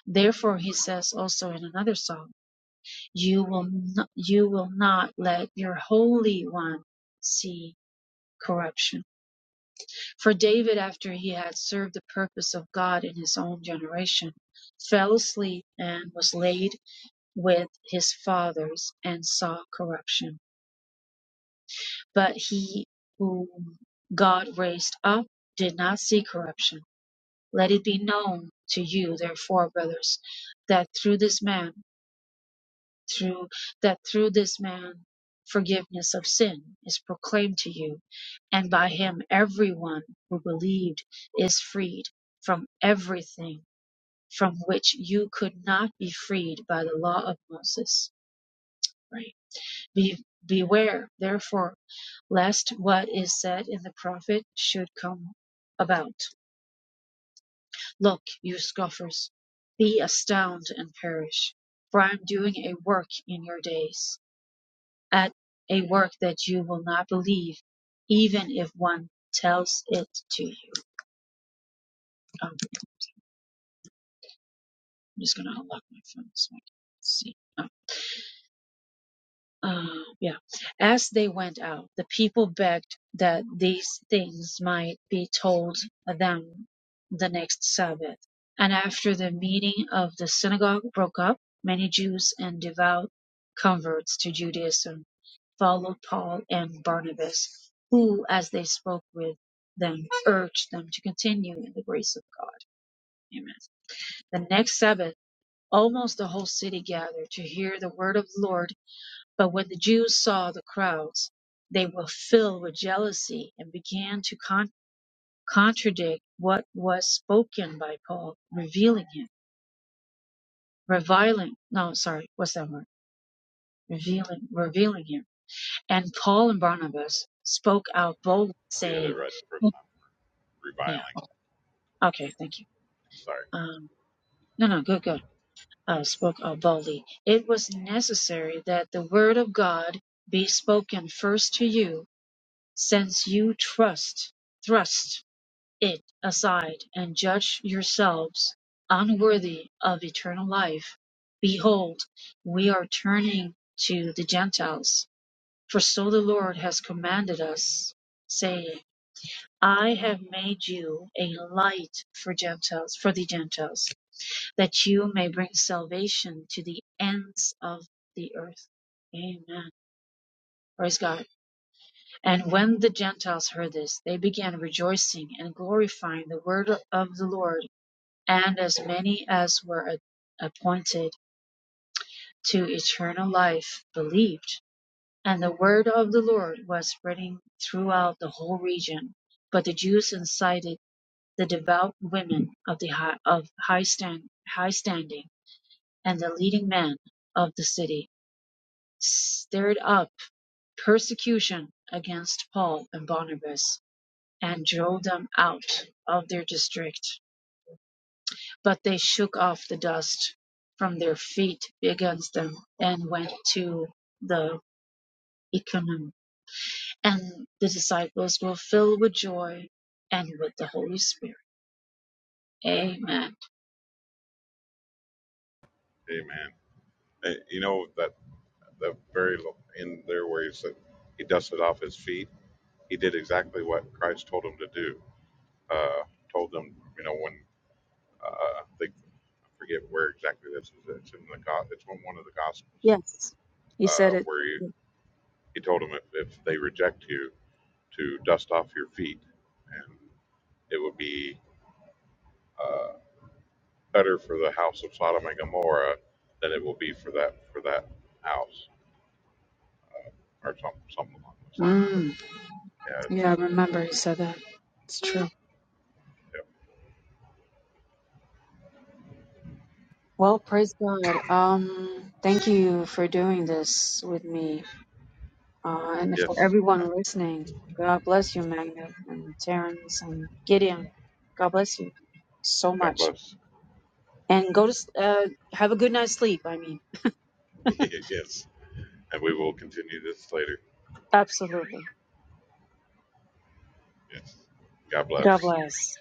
[SPEAKER 3] Therefore he says also in another psalm, you will not, you will not let your holy one see corruption. For David, after he had served the purpose of God in his own generation, fell asleep and was laid with his fathers and saw corruption. But he whom God raised up did not see corruption. Let it be known to you, therefore, brothers, that through this man, through that through this man forgiveness of sin is proclaimed to you and by him everyone who believed is freed from everything from which you could not be freed by the law of Moses right be beware therefore lest what is said in the prophet should come about look you scoffers be astounded and perish for I am doing a work in your days at a work that you will not believe, even if one tells it to you. Um, I'm just gonna unlock my phone so I can see. Oh, Uh, yeah. As they went out, the people begged that these things might be told them the next Sabbath. And after the meeting of the synagogue broke up, many Jews and devout converts to Judaism followed Paul and Barnabas, who, as they spoke with them, urged them to continue in the grace of God. Amen. The next Sabbath, almost the whole city gathered to hear the word of the Lord. But when the Jews saw the crowds, they were filled with jealousy and began to con- contradict what was spoken by Paul, revealing him, reviling. No, sorry, what's that word? Revealing, revealing him. And Paul and Barnabas spoke out boldly,
[SPEAKER 1] you had it
[SPEAKER 3] saying,
[SPEAKER 1] right the first time.
[SPEAKER 3] Yeah.
[SPEAKER 1] Reviling.
[SPEAKER 3] Okay. Thank you.
[SPEAKER 1] Sorry.
[SPEAKER 3] Um, no, no. Good, good. Uh, spoke uh, boldly. It was necessary that the word of God be spoken first to you, since you trust, thrust it aside and judge yourselves unworthy of eternal life. Behold, we are turning to the Gentiles, for so the Lord has commanded us, saying, I have made you a light for Gentiles, for the Gentiles that you may bring salvation to the ends of the earth. Amen. Praise God. And when the Gentiles heard this, they began rejoicing and glorifying the word of the Lord. And as many as were appointed to eternal life believed. And the word of the Lord was spreading throughout the whole region. But the Jews incited the devout women of the high, of high stand, high standing and the leading men of the city stirred up persecution against Paul and Barnabas and drove them out of their district. But they shook off the dust from their feet against them and went to the Iconium. And the disciples were filled with joy and with the Holy Spirit. Amen.
[SPEAKER 1] Amen. Eh, You know that the very lo- in their ways that he dusted off his feet. He did exactly what Christ told him to do. Uh, told them, you know, when uh, I I forget where exactly this is. It's in the go- it's in one of the gospels
[SPEAKER 3] Yes, he said
[SPEAKER 1] uh,
[SPEAKER 3] it.
[SPEAKER 1] where he, he told them if, if they reject you to dust off your feet, and it would be uh, better for the house of Sodom and Gomorrah than it will be for that for that house uh, or some, something along those lines. But
[SPEAKER 3] Mm,
[SPEAKER 1] yeah,
[SPEAKER 3] yeah, I
[SPEAKER 1] it's
[SPEAKER 3] remember he said that. It's true.
[SPEAKER 1] yeah,
[SPEAKER 3] Well, praise God. Um, thank you for doing this with me, uh, and for
[SPEAKER 1] yes.
[SPEAKER 3] everyone listening. God bless you, Magna and Terrence and Gideon. God bless you so
[SPEAKER 1] God
[SPEAKER 3] much,
[SPEAKER 1] bless.
[SPEAKER 3] and go to s- uh, have a good night's sleep. I mean,
[SPEAKER 1] *laughs* yes. And we will continue this later.
[SPEAKER 3] absolutely.
[SPEAKER 1] Yes. God
[SPEAKER 3] God
[SPEAKER 1] bless.
[SPEAKER 3] bless.